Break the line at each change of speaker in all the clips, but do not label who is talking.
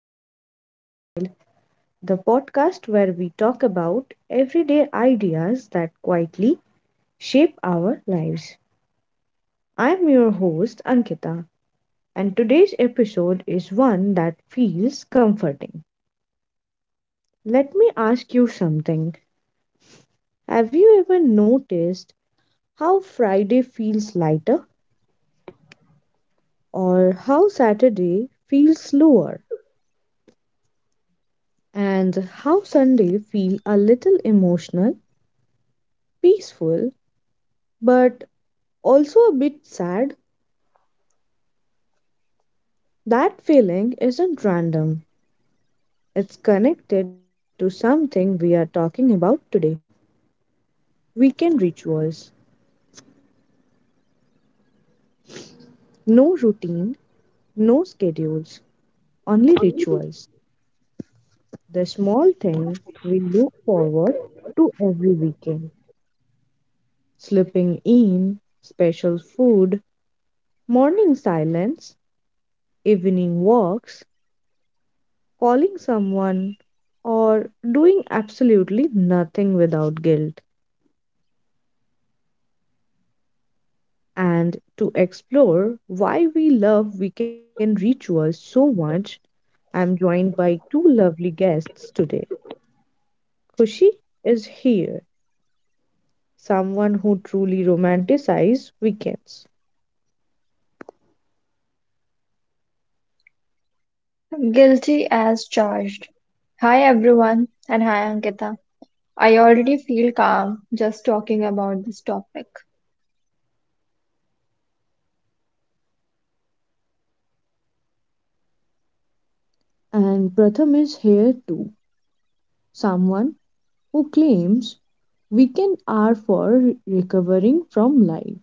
to Healthy Lifestyle, the podcast where we talk about everyday ideas that quietly shape our lives. I'm your host, Ankita, and today's episode is one that feels comforting. Let me ask you something. Have you ever noticed how Friday feels lighter, or how Saturday feels slower, and how Sunday feels a little emotional? Peaceful, but also a bit sad. That feeling isn't random, it's connected to something we are talking about today: weekend rituals. No routine, no schedules, only rituals. The small thing we look forward to every weekend, slipping in special food, morning silence, evening walks, calling someone, or doing absolutely nothing without guilt. And to explore why we love weekend rituals so much, I'm joined by two lovely guests today. Kushi is here, someone who truly romanticizes weekends.
Guilty as charged. Hi everyone, and hi Ankita. I already feel calm just talking about this topic.
And Pratham is here too, someone who claims weekend are for recovering from life.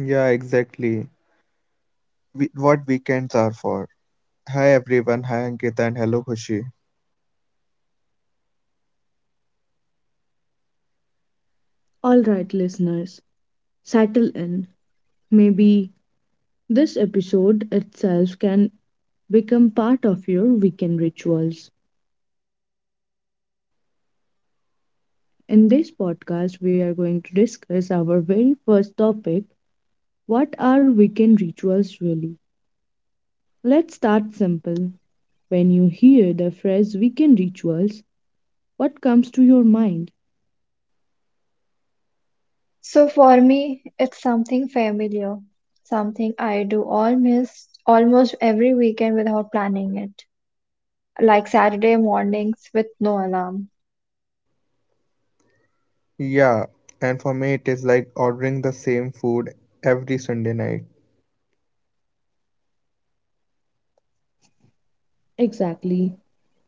Yeah, exactly. We, what weekends are for. Hi everyone, hi Ankita and hello Khushi.
All right, listeners, settle in. Maybe this episode itself can become part of your weekend rituals. In this podcast, we are going to discuss our very first topic: what are weekend rituals really? Let's start simple. When you hear the phrase weekend rituals, what comes to your mind?
So for me, it's something familiar, something I do almost every weekend without planning it, like Saturday mornings with no alarm.
Yeah, and for me it is like ordering the same food every Sunday night.
Exactly.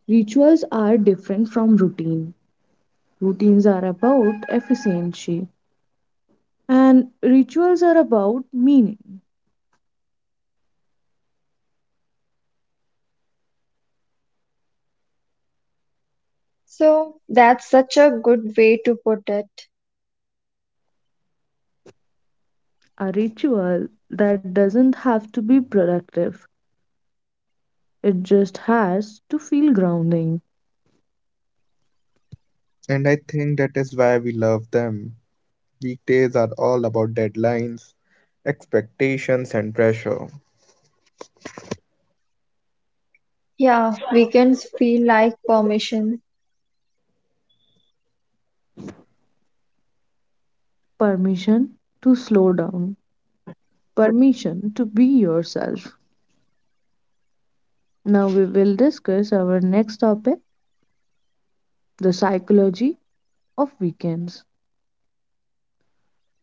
Rituals are different from routine. Routines are about efficiency, and rituals are about meaning.
So that's such a good way to put it.
A ritual that doesn't have to be productive, it just has to feel grounding.
And I think that is why we love them. Weekdays are all about deadlines, expectations and pressure.
Yeah, weekends feel like permission.
Permission to slow down, permission to be yourself. Now we will discuss our next topic: the psychology of weekends.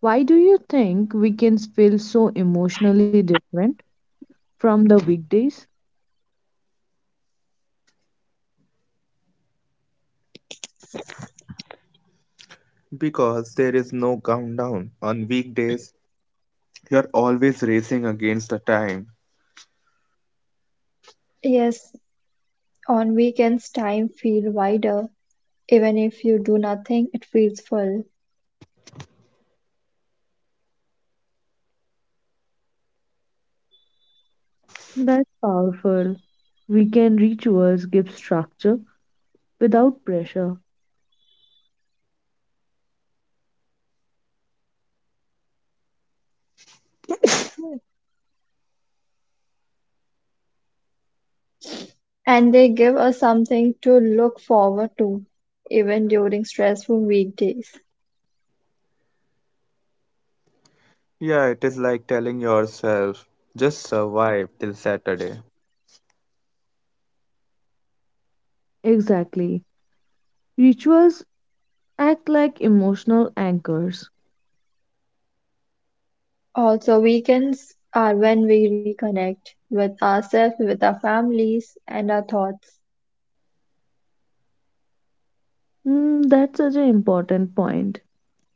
Why do you think weekends feel so emotionally different from the weekdays?
Because there is no countdown. On weekdays, you're always racing against the time.
Yes, on weekends time feel wider. Even if you do nothing, it feels full.
That's powerful. Weekend rituals give structure without pressure.
And they give us something to look forward to, even during stressful weekdays.
Yeah, it is like telling yourself, just survive till Saturday.
Exactly. Rituals act like emotional anchors.
Also, weekends are when we reconnect with ourselves, with our families, and our thoughts.
Mm, that's such an important point.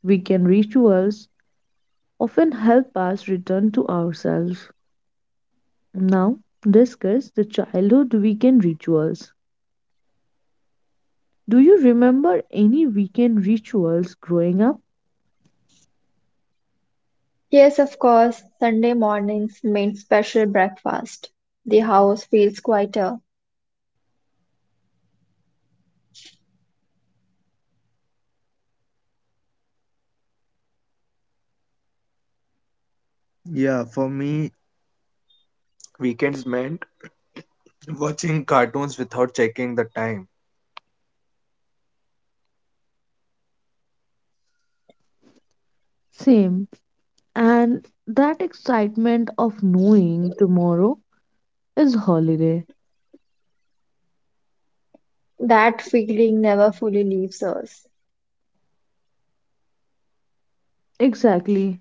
Weekend rituals often help us return to ourselves. Now, discuss the childhood weekend rituals. Do you remember any weekend rituals growing up?
Yes, of course, Sunday mornings mean special breakfast. The house feels quieter.
Yeah, for me weekends meant watching cartoons without checking the time.
Same. And that excitement of knowing tomorrow is holiday.
That feeling never fully leaves us.
Exactly.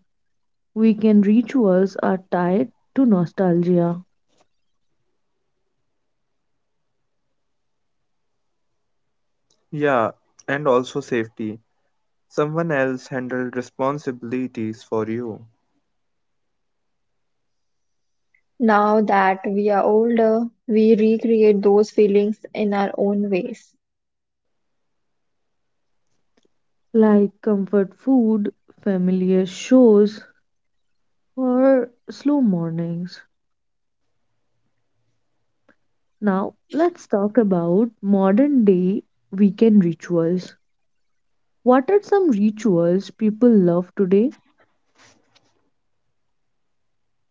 Weekend rituals are tied to nostalgia,
Yeah, and also safety. Someone else handled responsibilities for you.
Now that we are older, we recreate those feelings in our own ways.
like comfort food, familiar shows, or slow mornings. Now, let's talk about modern day weekend rituals. What are some rituals people love today?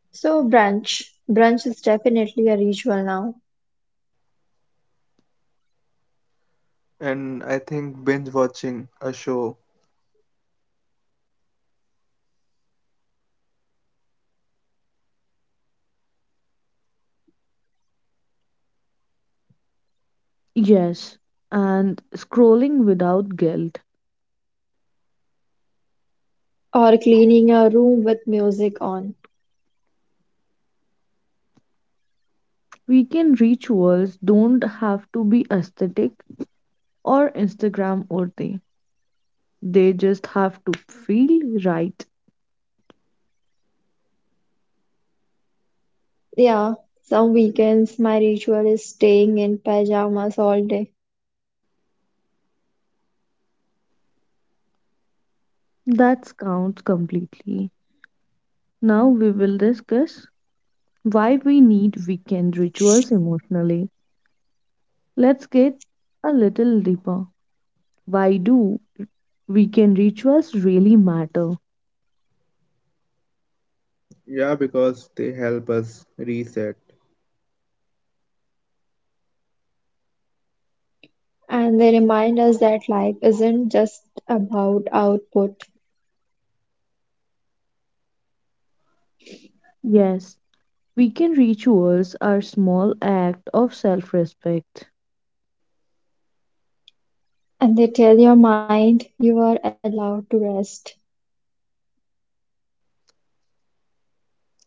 So brunch is definitely a ritual now,
And I think binge watching a show.
Yes, and scrolling without guilt.
or cleaning a room with music on.
Weekend rituals don't have to be aesthetic or Instagram worthy. They just have to feel right.
Yeah, some weekends my ritual is staying in pajamas all day,
That counts completely. Now we will discuss why we need weekend rituals emotionally. Let's get a little deeper. Why do weekend rituals really matter?
Yeah, because they help us reset.
and they remind us that life isn't just about output,
Yes, weekend rituals are small act of self-respect.
and they tell your mind you are allowed to rest.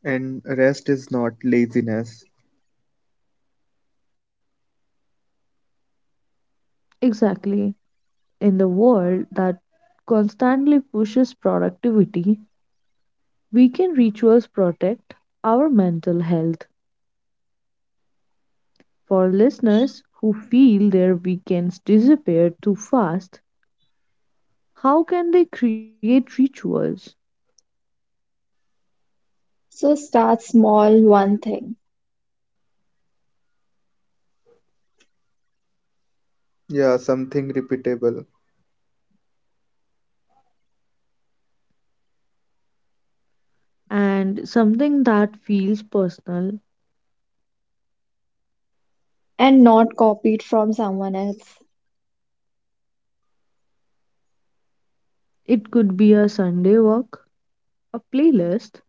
And rest is not laziness.
Exactly. In the world that constantly pushes productivity, weekend rituals protect our mental health. For listeners who feel their weekends disappear too fast, how can they create rituals?
So start small, one thing,
Yeah, something repeatable.
And something that feels personal.
and not copy it from someone else.
It could be a Sunday walk, a playlist,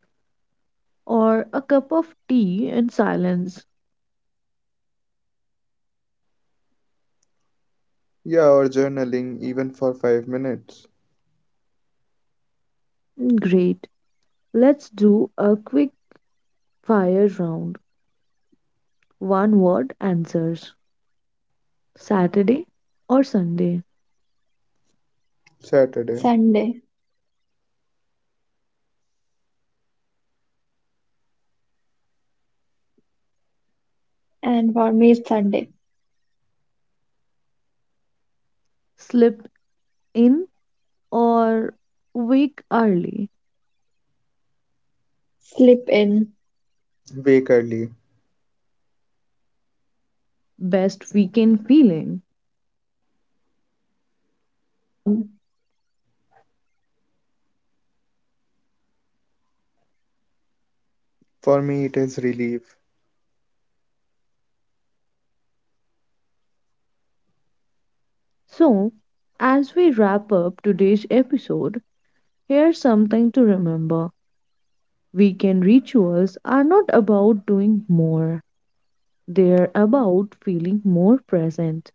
or a cup of tea in silence.
Yeah, or journaling even for 5 minutes.
Great. Let's do a quick fire round. One word answers. Saturday or Sunday?
Saturday.
Sunday, and for me, it's Sunday.
Slip in or wake early?
Slip in,
Wake early.
Best weekend feeling.
calm.
For me, it is relief.
So, as we wrap up today's episode, here's something to remember. Weekend rituals are not about doing more, they're about feeling more present.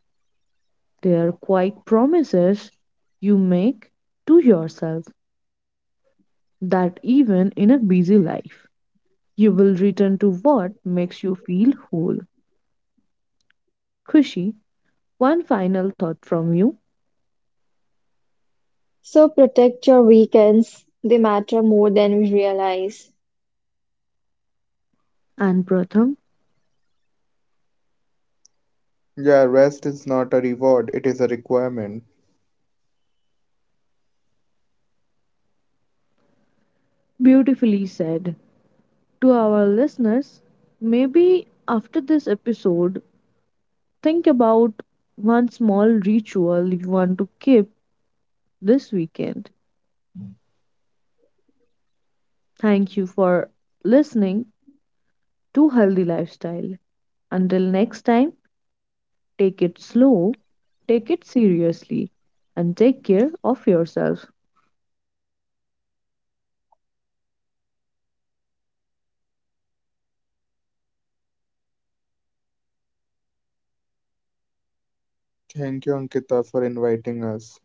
They're quite promises you make to yourself that even in a busy life, you will return to what makes you feel whole. Kushi, one final thought from you.
So protect your weekends, they matter more than we realize.
And Pratham,
Yeah, rest is not a reward, it is a requirement.
beautifully said. To our listeners, maybe after this episode, think about one small ritual you want to keep this weekend. Thank you for listening to Healthy Lifestyle. Until next time, take it slow, take it seriously, and take care of yourself.
Thank you, Ankita, for inviting us.